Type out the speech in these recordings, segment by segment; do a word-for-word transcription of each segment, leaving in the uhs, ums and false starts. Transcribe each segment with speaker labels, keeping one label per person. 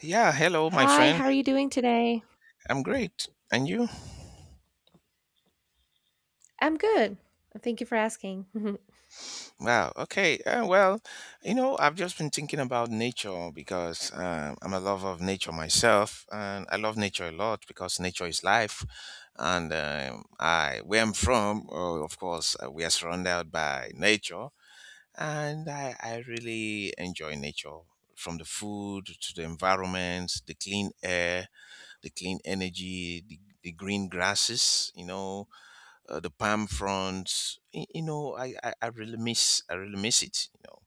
Speaker 1: Yeah, hello, my
Speaker 2: Hi,
Speaker 1: friend.
Speaker 2: how are you doing today?
Speaker 1: I'm great. And you?
Speaker 2: I'm good. Thank you for asking.
Speaker 1: Wow. Okay. Uh, well, you know, I've just been thinking about nature because uh, I'm a lover of nature myself, and I love nature a lot because nature is life. And um, I, where I'm from, uh, of course, uh, we are surrounded by nature, and I, I really enjoy nature. From the food to the environment, the clean air, the clean energy, the, the green grasses, you know, uh, the palm fronds. Y- You know, I, I I really miss I really miss it. You know,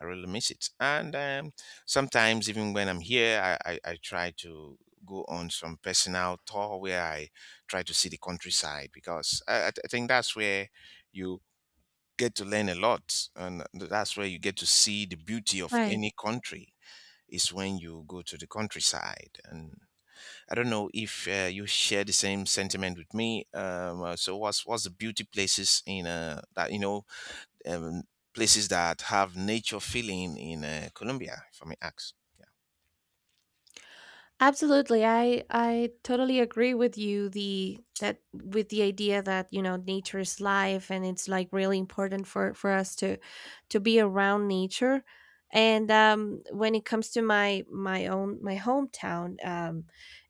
Speaker 1: I really miss it. And um, Sometimes even when I'm here, I, I I try to go on some personal tour where I try to see the countryside because I, I I think that's where you get to learn a lot, and that's where you get to see the beauty of
Speaker 2: Right.
Speaker 1: any country is when you go to the countryside. And I don't know if uh, you share the same sentiment with me. Um, uh, so, what's what's the beauty places in uh, that you know um, places that have nature feeling in uh, Colombia, if I may ask? Yeah.
Speaker 2: Absolutely. I I totally agree with you the that with the idea that, you know, nature is life, and it's like really important for for us to to be around nature. And um when it comes to my my own my hometown, um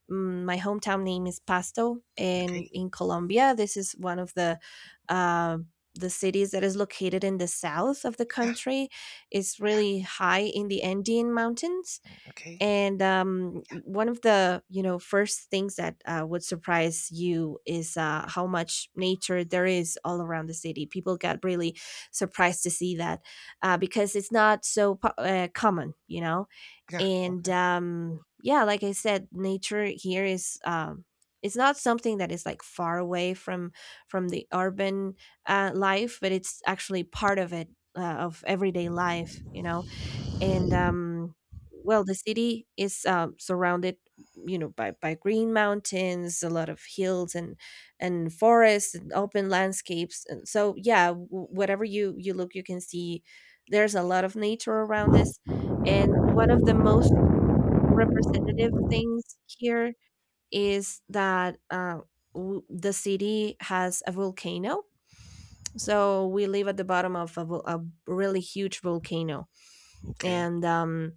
Speaker 2: mm, my hometown name is Pasto,
Speaker 1: Okay.
Speaker 2: and in Colombia. This is one of the um the cities that is located in the south of the
Speaker 1: Yeah.
Speaker 2: country. It's really high in the Andean mountains,
Speaker 1: Okay.
Speaker 2: and um, one of the, you know, first things that uh, would surprise you is uh, how much nature there is all around the city. People got really surprised to see that, uh, because it's not so po- uh, common, you know.
Speaker 1: Yeah.
Speaker 2: And
Speaker 1: Okay.
Speaker 2: um, yeah, like I said, nature here is, um, it's not something that is like far away from from the urban uh, life, but it's actually part of it, uh, of everyday life, you know. And um well, the city is um surrounded, you know, by by green mountains, a lot of hills, and and forests and open landscapes. And so yeah, w- whatever you you look you can see there's a lot of nature around us. And one of the most representative things here is that, uh, w- the city has a volcano, so we live at the bottom of a, vol- a really huge volcano.
Speaker 1: Okay.
Speaker 2: And um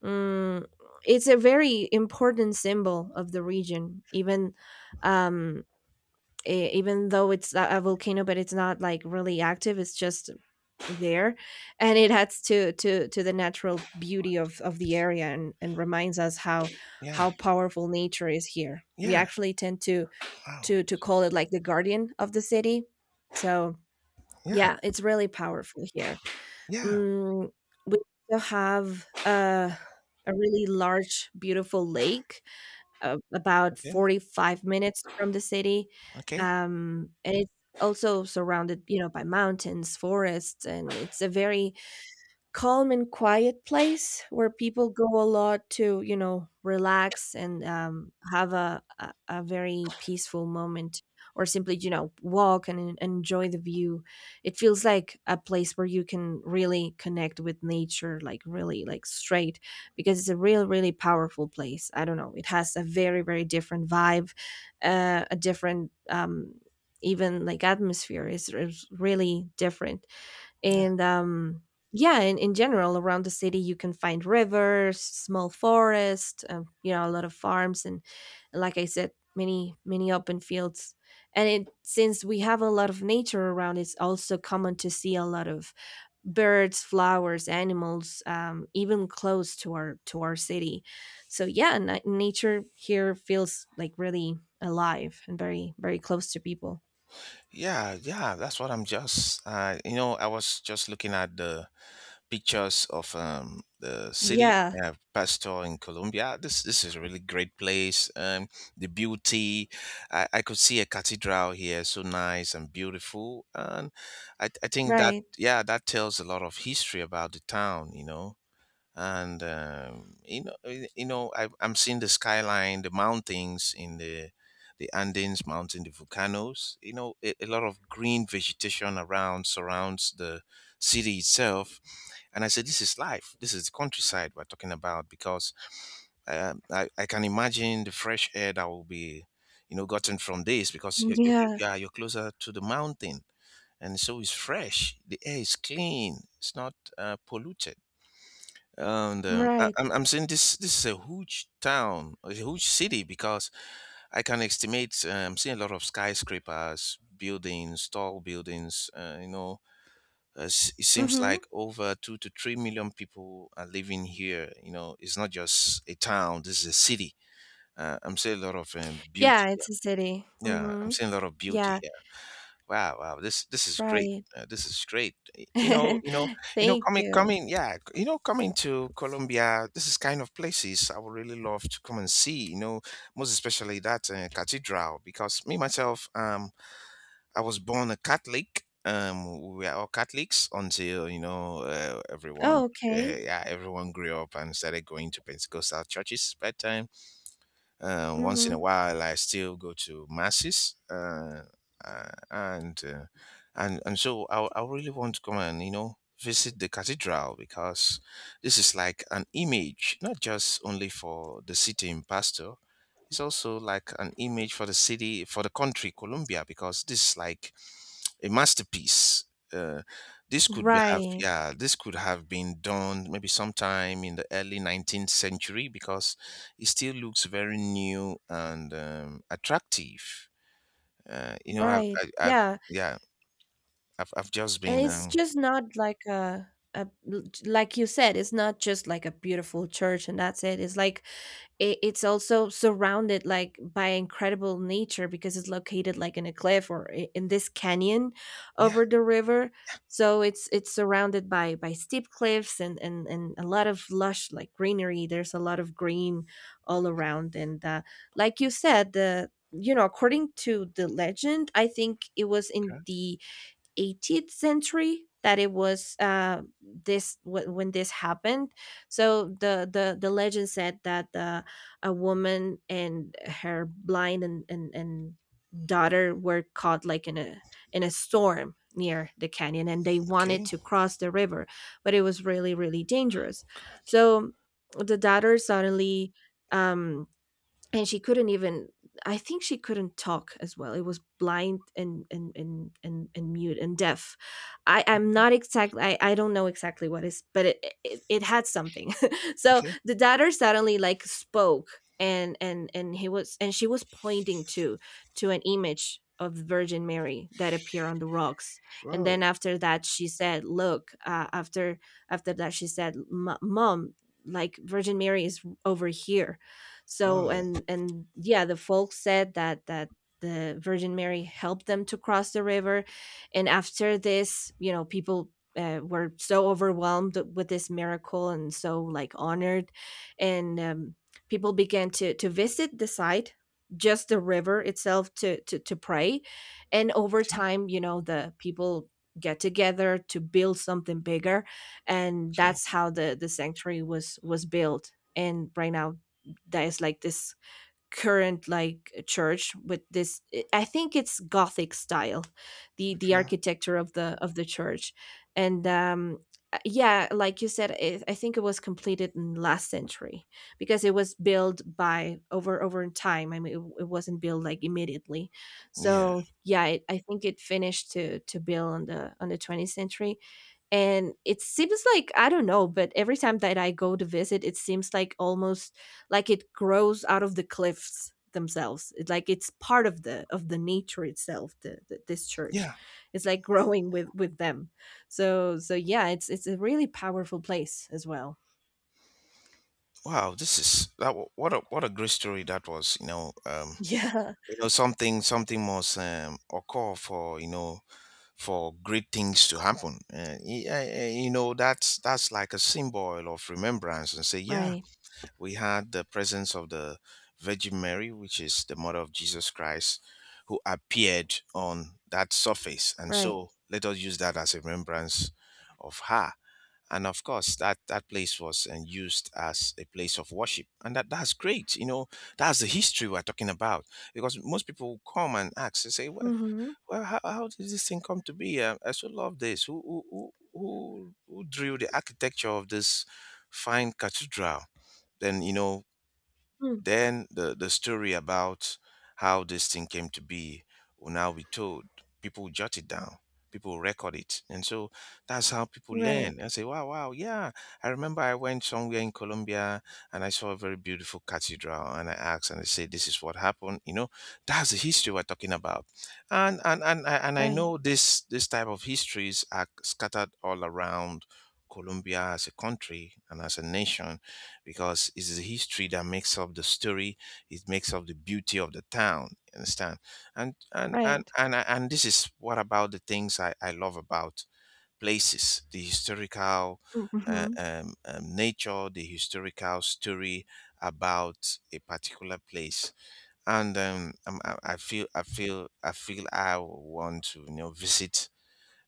Speaker 2: Mm, it's a very important symbol of the region, even, um, e- even though it's a a volcano, but it's not like really active. It's just there, and it adds to to to the natural beauty of of the area, and and reminds us how
Speaker 1: Yeah.
Speaker 2: how powerful nature is here. We
Speaker 1: Yeah.
Speaker 2: actually tend to
Speaker 1: Wow.
Speaker 2: to to call it like the guardian of the city. So
Speaker 1: Yeah.
Speaker 2: yeah, it's really powerful here.
Speaker 1: Yeah.
Speaker 2: Mm, we also have a a really large, beautiful lake, uh, about
Speaker 1: Okay.
Speaker 2: forty-five minutes from the city,
Speaker 1: Okay.
Speaker 2: um, and it's also surrounded, you know, by mountains, forests, and it's a very calm and quiet place where people go a lot to, you know, relax and, um, have a, a, a very peaceful moment, or simply, you know, walk and en- enjoy the view. It feels like a place where you can really connect with nature, like really like straight, because it's a real, really powerful place. I don't know. It has a very, very different vibe, uh, a different, um, even like atmosphere is, is really different.
Speaker 1: Yeah.
Speaker 2: And um yeah, in, in general around the city you can find rivers, small forest, um, you know, a lot of farms, and like I said, many many open fields. And it, since we have a lot of nature around, it's also common to see a lot of birds, flowers, animals, um, even close to our to our city. So yeah, na- nature here feels like really alive, and very very close to people.
Speaker 1: Yeah. Yeah. That's what I'm just. Uh, you know, I was just looking at the pictures of um, the city,
Speaker 2: Yeah,
Speaker 1: uh, Pastor in Colombia. This this is a really great place. Um, the beauty, I, I could see a cathedral here, so nice and beautiful, and I, I think that,
Speaker 2: right.
Speaker 1: yeah, that tells a lot of history about the town. You know, and um, you know y- you know I, I'm seeing the skyline, the mountains, in the the Andes mountain, the volcanoes, you know, a, a lot of green vegetation around surrounds the city itself. And I said this is life, this is the countryside we're talking about, because um, I, I can imagine the fresh air that will be, you know, gotten from this, because you're, you're, cl-
Speaker 2: Yeah,
Speaker 1: yeah, you're closer to the mountain, and so it's fresh, the air is clean, it's not uh, polluted. And um, I,
Speaker 2: right.
Speaker 1: I'm I'm saying this, this is a huge town, a huge city, because I can estimate. Uh, I'm seeing a lot of skyscrapers, buildings, tall buildings. Uh, you know, uh, s- it seems
Speaker 2: Mhm.
Speaker 1: like over two to three million people are living here. You know, it's not just a town. This is a city. Uh, I'm seeing a lot of um, beauty.
Speaker 2: Yeah, it's a city.
Speaker 1: Yeah, I'm
Speaker 2: Mhm.
Speaker 1: seeing a lot of beauty.
Speaker 2: Yeah,
Speaker 1: Wow, wow. This this is great.
Speaker 2: right.
Speaker 1: Uh, this is great. Y- You know, you know, you know,
Speaker 2: Thank
Speaker 1: coming,
Speaker 2: you.
Speaker 1: coming, yeah, c- you know, coming to Colombia. This is kind of places I would really love to come and see. You know, most especially that uh, cathedral, because me myself, um, I was born a Catholic. Um, we were all Catholics until, you know, uh, everyone,
Speaker 2: Oh,
Speaker 1: uh,
Speaker 2: okay.
Speaker 1: yeah, everyone grew up and started going to Pentecostal churches. But time. Uh, once in a
Speaker 2: Mhm.
Speaker 1: while, I still go to masses, uh, uh, and uh, and and so I, I really want to come and, you know, visit the cathedral, because this is like an image, not just only for the city in Pasto. It's also like an image for the city, for the country, Colombia, because this is like a masterpiece. Uh, this could be have
Speaker 2: Right.
Speaker 1: Yeah, this could have been done maybe sometime in the early nineteenth century, because it still looks very new and um, attractive. Uh, you know, I've,
Speaker 2: Right.
Speaker 1: I, I've
Speaker 2: Yeah,
Speaker 1: yeah, I've, I've just
Speaker 2: and
Speaker 1: been
Speaker 2: it's
Speaker 1: um,
Speaker 2: just not like a a like you said, it's not just like a beautiful church and that's it. It's like, it, it's also surrounded like by incredible nature, because it's located like in a cliff, or i- in this canyon
Speaker 1: yeah,
Speaker 2: over the river. So it's it's surrounded by by steep cliffs, and and, and a lot of lush like greenery. There's a lot of green all around. And uh, like you said, the, you know, according to the legend, I think it was in
Speaker 1: okay,
Speaker 2: the eighteenth century that it was, uh, this wh- when this happened. So the the the legend said that, uh, a woman and her blind, and, and and daughter were caught like in a in a storm near the canyon, and they wanted
Speaker 1: okay,
Speaker 2: to cross the river, but it was really really dangerous.
Speaker 1: good,
Speaker 2: So the daughter suddenly, um and she couldn't even, I think she couldn't talk as well. It was blind and and and and, and mute and deaf. I i'm not exactly I, I don't know exactly what is, but it it, it had something. So
Speaker 1: okay,
Speaker 2: the daughter suddenly like spoke, and and and he was and she was pointing to to an image of the Virgin Mary that appeared on the rocks. And
Speaker 1: wow,
Speaker 2: then after that she said, look, uh, after after that she said, "Mo- mom, like, Virgin Mary is over here." So
Speaker 1: oh,
Speaker 2: and and yeah, the folk said that that the Virgin Mary helped them to cross the river. And after this, you know, people, uh, were so overwhelmed with this miracle and so like honored. And um, people began to to visit the site, just the river itself, to to to pray. And over time, you know, the people get together to build something bigger, and
Speaker 1: okay,
Speaker 2: that's how the the sanctuary was was built. And right now that is like this current like church with this, I think it's Gothic style, the the
Speaker 1: okay,
Speaker 2: architecture of the of the church. And um uh, yeah, like you said it, I think it was completed in last century, because it was built by over over in time, I mean it, it wasn't built like immediately.
Speaker 1: yeah,
Speaker 2: So yeah it, I think it finished to to build on the on the twentieth century. And it seems like, I don't know, but every time that I go to visit, it seems like almost like it grows out of the cliffs themselves. It's like it's part of the of the nature itself, the, the, this church.
Speaker 1: yeah.
Speaker 2: It's like growing with with them. So so yeah, it's it's a really powerful place as well.
Speaker 1: Wow, this is that. Wa- What a what a great story that was. You know, um,
Speaker 2: Yeah.
Speaker 1: you know something something must um, occur, for you know, for great things to happen. Uh, y- uh, uh, you know, that's that's like a symbol of remembrance, and say, yeah,
Speaker 2: Right,
Speaker 1: we had the presence of the Virgin Mary, which is the mother of Jesus Christ, who appeared on that surface. And
Speaker 2: right.
Speaker 1: so let us use that as a remembrance of her. And of course, that, that place was uh, used as a place of worship. And that, that's great. You know, that's the history we're talking about. Because most people come and ask, they say, well,
Speaker 2: Hmm.
Speaker 1: well, how, how did this thing come to be? Um, I so love this. Who who who who who drew the architecture of this fine cathedral? Then you know, then the, the story about how this thing came to be will now be told. People jot it down, people record it. And so that's how people learn,
Speaker 2: Right.
Speaker 1: and say, wow, wow, yeah. I remember I went somewhere in Colombia and I saw a very beautiful cathedral, and I asked, and they said, this is what happened. You know, that's the history we're talking about. And, and, and, I- and I
Speaker 2: Right.
Speaker 1: know this, this type of histories are scattered all around Colombia as a country and as a nation, because it's the history that makes up the story. It makes up the beauty of the town. You understand? And and and
Speaker 2: Right.
Speaker 1: and and this is what about the things I, I love about places: the historical uh,
Speaker 2: Hmm.
Speaker 1: um, um, nature, the historical story about a particular place. And um, um, I, I feel I feel I feel I want to, you know, visit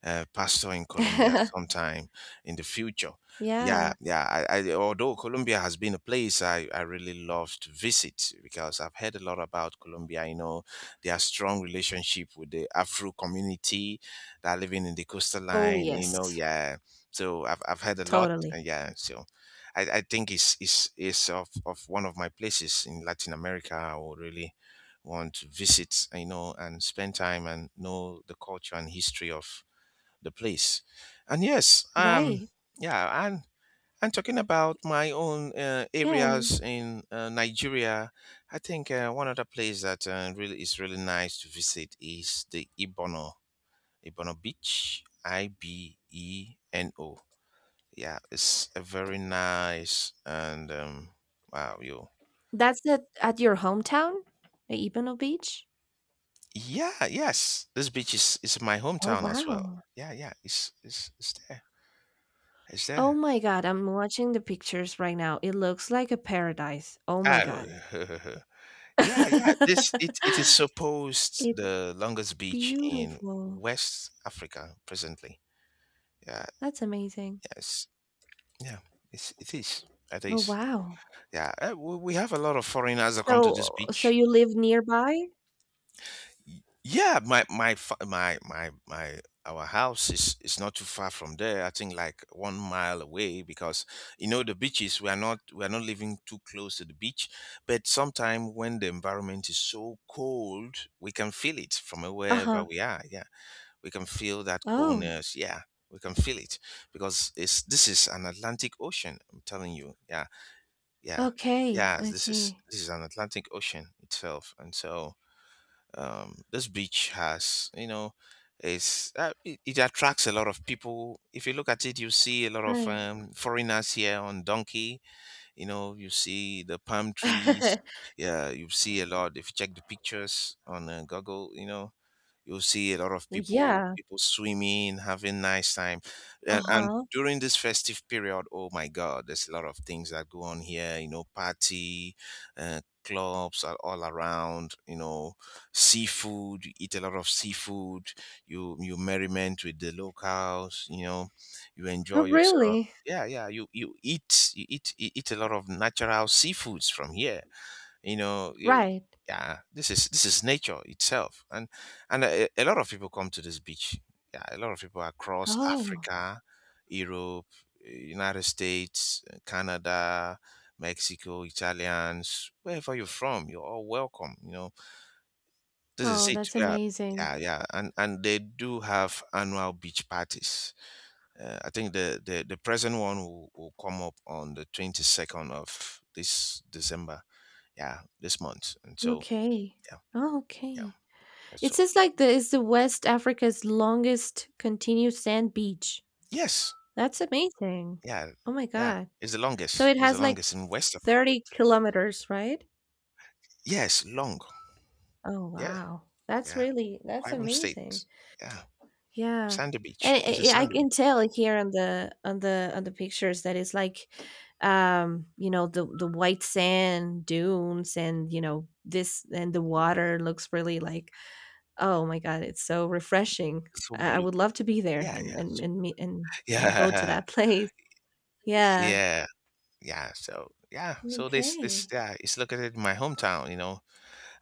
Speaker 1: uh, Pastor in Colombia sometime in the future. Yeah,
Speaker 2: Yeah.
Speaker 1: yeah. I, I, although Colombia has been a place I, I really love to visit, because I've heard a lot about Colombia. You know, their strong relationship with the Afro community that are living in the coastal
Speaker 2: Oh,
Speaker 1: line. You know,
Speaker 2: yes.
Speaker 1: yeah. So I've, I've heard a lot.
Speaker 2: Totally.
Speaker 1: And yeah. So I, I think it's, it's, it's of, of one of my places in Latin America I would really want to visit, you know, and spend time and know the culture and history of the place. And yes, um,
Speaker 2: Right.
Speaker 1: yeah, and and talking about my own uh,
Speaker 2: Yeah, and
Speaker 1: areas in uh, Nigeria, I think uh, one other place that uh, really is really nice to visit is the Ibono Ibono Beach, I B E N O. Yeah, it's a very nice and um, wow, you.
Speaker 2: that's at at your hometown? The Ipanema Beach?
Speaker 1: Yeah, yes, this beach is is my
Speaker 2: Oh,
Speaker 1: hometown as well.
Speaker 2: wow.
Speaker 1: Yeah, yeah, it's it's it's there, it's
Speaker 2: Oh
Speaker 1: there.
Speaker 2: my god, I'm watching the pictures right now. It looks like a paradise. Oh my
Speaker 1: Ah,
Speaker 2: god.
Speaker 1: Yeah, yeah. This it, it is supposed
Speaker 2: It's
Speaker 1: the longest beach in
Speaker 2: beautiful.
Speaker 1: West Africa presently. Yeah,
Speaker 2: That's amazing.
Speaker 1: yes, yeah. It's, it is. It
Speaker 2: Oh,
Speaker 1: is.
Speaker 2: wow.
Speaker 1: Yeah, uh, we, we have a lot of foreigners that come to this
Speaker 2: So so
Speaker 1: beach.
Speaker 2: you live nearby?
Speaker 1: Yeah, my my fa- my my my our house is is not too far from there. I think like one mile away, because you know the beaches. We are not we are not living too close to the beach, but sometimes when the environment is so cold, we can feel it from wherever
Speaker 2: Uh-huh.
Speaker 1: we are. Yeah, we can feel that
Speaker 2: Oh,
Speaker 1: coldness. Yeah, we can feel it, because it's this is an Atlantic Ocean. I'm telling you. Yeah, yeah,
Speaker 2: okay.
Speaker 1: yeah.
Speaker 2: I
Speaker 1: This is
Speaker 2: see.
Speaker 1: this is an Atlantic Ocean itself, and so um, this beach has, you know, is uh, it, it attracts a lot of people. If you look at it, you see a lot of
Speaker 2: Right.
Speaker 1: um, foreigners here on donkey, you know, you see the palm trees, yeah, you see a lot. If you check the pictures on uh, Google, you know, you'll see a lot of
Speaker 2: Well,
Speaker 1: people
Speaker 2: yeah.
Speaker 1: people swimming, having nice time, and, and
Speaker 2: Uh-huh.
Speaker 1: during this festive period, oh my God, there's a lot of things that go on here. You know, party, uh, clubs are all around. You know, seafood. You eat a lot of seafood. You you merriment with the locals. You know, you
Speaker 2: Oh,
Speaker 1: enjoy yourself,
Speaker 2: really?
Speaker 1: yeah, yeah, you you eat you eat you eat a lot of natural seafoods from here, you know, you,
Speaker 2: Right.
Speaker 1: yeah, this is this is nature itself, and and a, a lot of people come to this beach, yeah, a lot of people across
Speaker 2: Oh.
Speaker 1: Africa, Europe, eh, United States, eh, Canada, Mexico, Italians, wherever you're from, you're all welcome, you know, this is
Speaker 2: Oh,
Speaker 1: it,
Speaker 2: that's
Speaker 1: yeah,
Speaker 2: amazing.
Speaker 1: yeah, yeah, and and they do have annual beach parties. Uh, i think the, the the present one will, will come up on the twenty-second of this December, yeah, this month, and so
Speaker 2: Okay.
Speaker 1: yeah,
Speaker 2: Oh,
Speaker 1: yeah,
Speaker 2: okay.
Speaker 1: that's
Speaker 2: It
Speaker 1: all.
Speaker 2: says like the is the West Africa's longest continuous sand beach.
Speaker 1: Yes,
Speaker 2: That's amazing.
Speaker 1: yeah,
Speaker 2: Oh my
Speaker 1: yeah.
Speaker 2: God.
Speaker 1: It's the
Speaker 2: So
Speaker 1: longest.
Speaker 2: it
Speaker 1: It was the
Speaker 2: has like
Speaker 1: longest in West Africa.
Speaker 2: thirty kilometers, right?
Speaker 1: Yes, long.
Speaker 2: Oh
Speaker 1: Yeah,
Speaker 2: wow. That's
Speaker 1: yeah.
Speaker 2: really, that's
Speaker 1: Kwazulu
Speaker 2: amazing.
Speaker 1: State. Yeah,
Speaker 2: Yeah.
Speaker 1: sandy
Speaker 2: And
Speaker 1: beach. It's a
Speaker 2: I, I I
Speaker 1: sandy beach.
Speaker 2: can tell here on the on the on the pictures that it's like, um you know, the the white sand dunes and you know this, and the water looks really like, oh my god, it's so refreshing.
Speaker 1: So
Speaker 2: I I would
Speaker 1: blue.
Speaker 2: love to be there,
Speaker 1: Yeah,
Speaker 2: and
Speaker 1: yeah.
Speaker 2: and
Speaker 1: So,
Speaker 2: and meet and and go to
Speaker 1: yeah,
Speaker 2: that place. Yeah.
Speaker 1: yeah, yeah. So yeah, so this this
Speaker 2: Okay.
Speaker 1: yeah, it's located in my hometown, you know,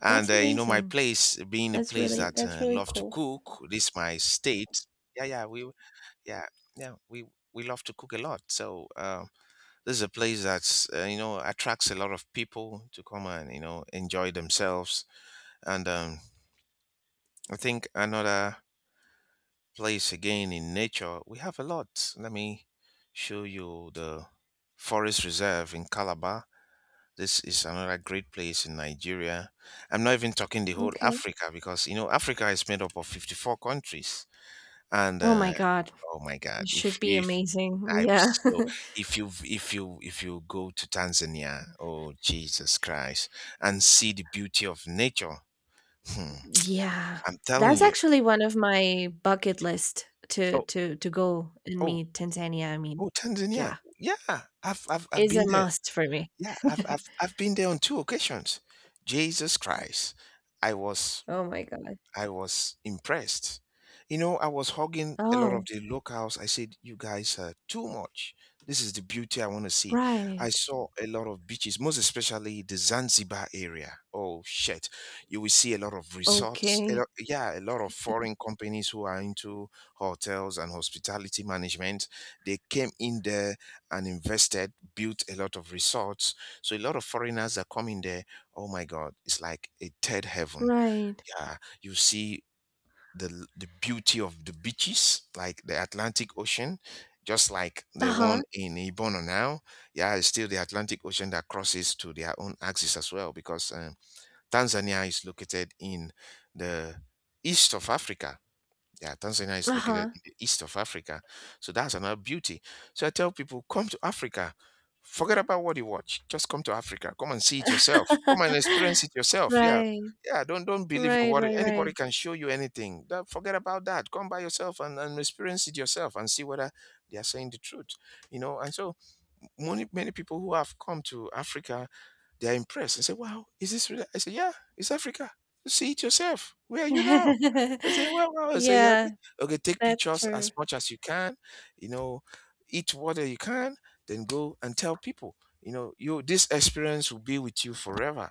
Speaker 1: and
Speaker 2: That's
Speaker 1: uh, you know, my
Speaker 2: amazing.
Speaker 1: place being a
Speaker 2: That's
Speaker 1: place
Speaker 2: really,
Speaker 1: that
Speaker 2: that's
Speaker 1: uh,
Speaker 2: really
Speaker 1: love to
Speaker 2: cool.
Speaker 1: cook. This my state. Yeah, yeah. We yeah yeah we we love to cook a lot. So. Um, this is a place that's uh, you know attracts a lot of people to come and you know enjoy themselves and um i think another place again in nature we have a lot. Let me show you the forest reserve in Calabar. This is another great place in Nigeria. I'm not even talking the whole
Speaker 2: Okay.
Speaker 1: Africa because you know Africa is made up of fifty-four countries and
Speaker 2: Oh my
Speaker 1: uh,
Speaker 2: god,
Speaker 1: oh my god.
Speaker 2: it should
Speaker 1: If
Speaker 2: be
Speaker 1: if
Speaker 2: amazing. Yeah.
Speaker 1: types. So if you if you if you go to Tanzania, oh Jesus Christ, and see the beauty of nature, hmm,
Speaker 2: Yeah.
Speaker 1: I'm telling
Speaker 2: That's
Speaker 1: you.
Speaker 2: actually one of my bucket list, to
Speaker 1: Oh
Speaker 2: to to go and
Speaker 1: oh
Speaker 2: meet Tanzania. I mean,
Speaker 1: oh Tanzania,
Speaker 2: yeah,
Speaker 1: yeah, I've I've I've
Speaker 2: is
Speaker 1: been
Speaker 2: a
Speaker 1: there.
Speaker 2: must for me.
Speaker 1: Yeah, I've I've I've been there on two occasions. Jesus Christ, I was
Speaker 2: Oh my god.
Speaker 1: I was impressed. You know, I was hugging a lot of
Speaker 2: Oh,
Speaker 1: the locals. I said, "You guys are too much. This is the beauty I want to see." I
Speaker 2: right.
Speaker 1: saw a lot of beaches, most especially the Zanzibar area. Oh shit, you will see a lot of resorts. A
Speaker 2: Okay.
Speaker 1: lot- yeah, a lot of foreign companies who are into hotels and hospitality management. They came in there and invested, built a lot of resorts. So a lot of foreigners are coming there. Oh my God, it's like a third heaven.
Speaker 2: Right.
Speaker 1: Yeah, you see the the beauty of the beaches, like the Atlantic Ocean, just like the one
Speaker 2: Uh-huh.
Speaker 1: in Ibono now. Yeah, it's still the Atlantic Ocean that crosses to their own axis as well, because um, Tanzania is located in the east of Africa. Yeah, Tanzania is located
Speaker 2: Uh-huh.
Speaker 1: in the east of Africa. So that's another beauty. So I tell people, come to Africa. Forget about what you watch. Just come to Africa. Come and see it yourself. Come and experience it yourself. Yeah.
Speaker 2: Right.
Speaker 1: Yeah. Don't don't believe in
Speaker 2: Right,
Speaker 1: what
Speaker 2: right, right.
Speaker 1: anybody can show you anything. That, forget about that. Come by yourself and, and experience it yourself and see whether they are saying the truth. You know, and so many many people who have come to Africa, they're impressed and say, wow, is this really? I say, yeah, it's Africa. You see it yourself. Where are you now? I say, wow, wow. I say, yeah, okay.
Speaker 2: Yeah,
Speaker 1: Okay, take
Speaker 2: that's
Speaker 1: pictures as
Speaker 2: true.
Speaker 1: much as you can, you know, eat whatever you can, then go and tell people. You know, you this experience will be with you forever.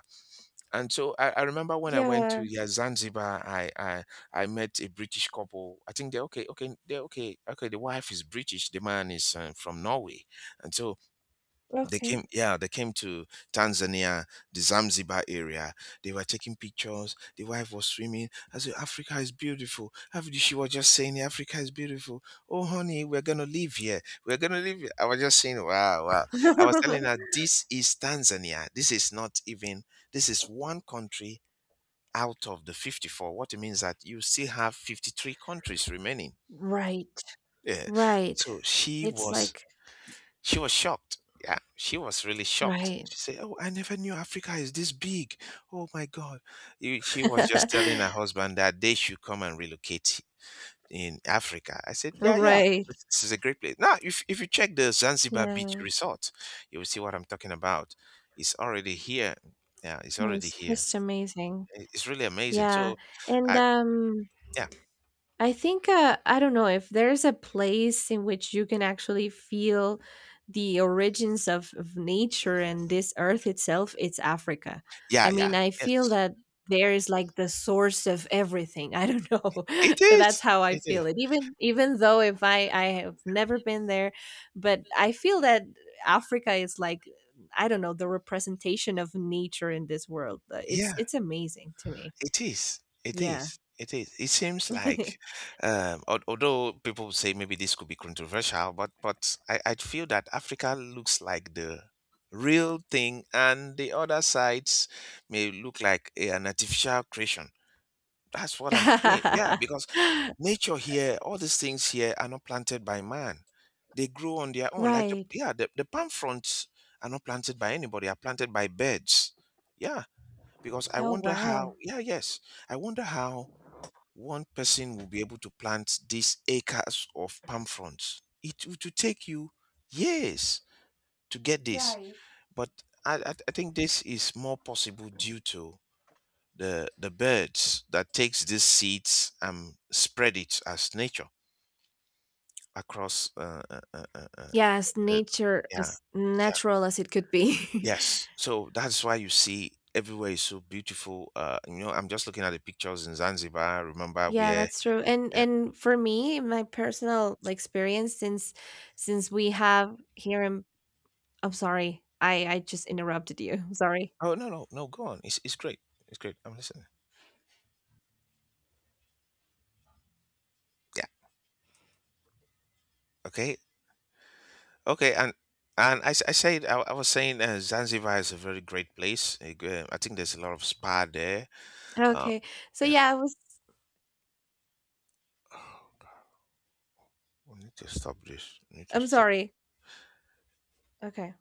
Speaker 1: And so I, I remember when I went to
Speaker 2: Yeah,
Speaker 1: yeah, Zanzibar, I, I I met a British couple. I think they're okay, okay, they're okay, okay. The wife is British, the man is uh, from Norway, and so they
Speaker 2: okay.
Speaker 1: came, yeah, they came to Tanzania, the Zanzibar area. They were taking pictures. The wife was swimming. I said, Africa is beautiful. After she was just saying, Africa is beautiful. Oh, honey, we're going to live here. We're going to live here. I was just saying, wow, wow. I was telling her, this is Tanzania. This is not even, This is one country out of the fifty-four. What it means that you still have fifty-three countries remaining.
Speaker 2: Right,
Speaker 1: Yeah.
Speaker 2: right.
Speaker 1: So she
Speaker 2: It's
Speaker 1: was
Speaker 2: like
Speaker 1: she was shocked. Yeah, she was really shocked.
Speaker 2: right.
Speaker 1: She said, "Oh, I never knew Africa is this big. Oh my God!" You- She was just telling her husband that they should come and relocate in Africa. I said, "Yeah, yeah,
Speaker 2: Right,
Speaker 1: this this is a great place." Now, if if you check the Zanzibar Beach
Speaker 2: yeah.
Speaker 1: Resort, you will see what I'm talking about. It's already here. Yeah, it's
Speaker 2: Well,
Speaker 1: already
Speaker 2: it's
Speaker 1: here.
Speaker 2: just amazing.
Speaker 1: I- It's really amazing.
Speaker 2: Yeah,
Speaker 1: So,
Speaker 2: and,
Speaker 1: I
Speaker 2: um
Speaker 1: yeah,
Speaker 2: I think, uh, I don't know if there's a place in which you can actually feel the origins of, of nature and this earth itself, it's Africa.
Speaker 1: yeah,
Speaker 2: I
Speaker 1: yeah.
Speaker 2: mean, I feel
Speaker 1: Yes,
Speaker 2: that there is like the source of everything. I don't know,
Speaker 1: it
Speaker 2: but that's
Speaker 1: is.
Speaker 2: how I
Speaker 1: It is.
Speaker 2: feel it. Even even though if I I have never been there, but I feel that Africa is like, I don't know, the representation of nature in this world. Uh, It's
Speaker 1: Yeah.
Speaker 2: it's amazing to me.
Speaker 1: It is. It
Speaker 2: Yeah.
Speaker 1: is. It is. It seems like, um, al- although people would say maybe this could be controversial, but but I, I feel that Africa looks like the real thing, and the other sides may look like a- an artificial creation. That's what I'm saying. Yeah, because nature here, all these things here are not planted by man. They grow on their own. Like the,
Speaker 2: Right.
Speaker 1: yeah, the, the palm fronds are not planted by anybody. Are planted by birds. Yeah, because I
Speaker 2: Oh,
Speaker 1: wonder how,
Speaker 2: wow.
Speaker 1: yeah, yes, I wonder how one person will be able to plant these acres of palm fronds. It would take you years to get this,
Speaker 2: Right.
Speaker 1: but I, I I think this is more possible due to the the birds that takes these seeds and spread it as nature across uh, uh, uh, uh, uh,
Speaker 2: Yeah, as
Speaker 1: the,
Speaker 2: nature
Speaker 1: yeah
Speaker 2: as natural as it could be.
Speaker 1: Yes, so that's why you see everywhere is so beautiful. Uh, you know, I'm just looking at the pictures in Zanzibar. Remember
Speaker 2: Yeah,
Speaker 1: where?
Speaker 2: that's true. And
Speaker 1: Yeah.
Speaker 2: and for me, my personal experience since since we have here in, I'm sorry. I I just interrupted you. Sorry.
Speaker 1: Oh no, no, no. Go on. It's it's great. It's great. I'm listening. Yeah. Okay. Okay. And and I, s- I said I, I was saying uh, Zanzibar is a very great place. A gre- I think there's a lot of spa there. Uh,
Speaker 2: Okay. So
Speaker 1: yeah.
Speaker 2: yeah, I was,
Speaker 1: We need to stop this. We need to
Speaker 2: I'm
Speaker 1: stop.
Speaker 2: sorry. Okay.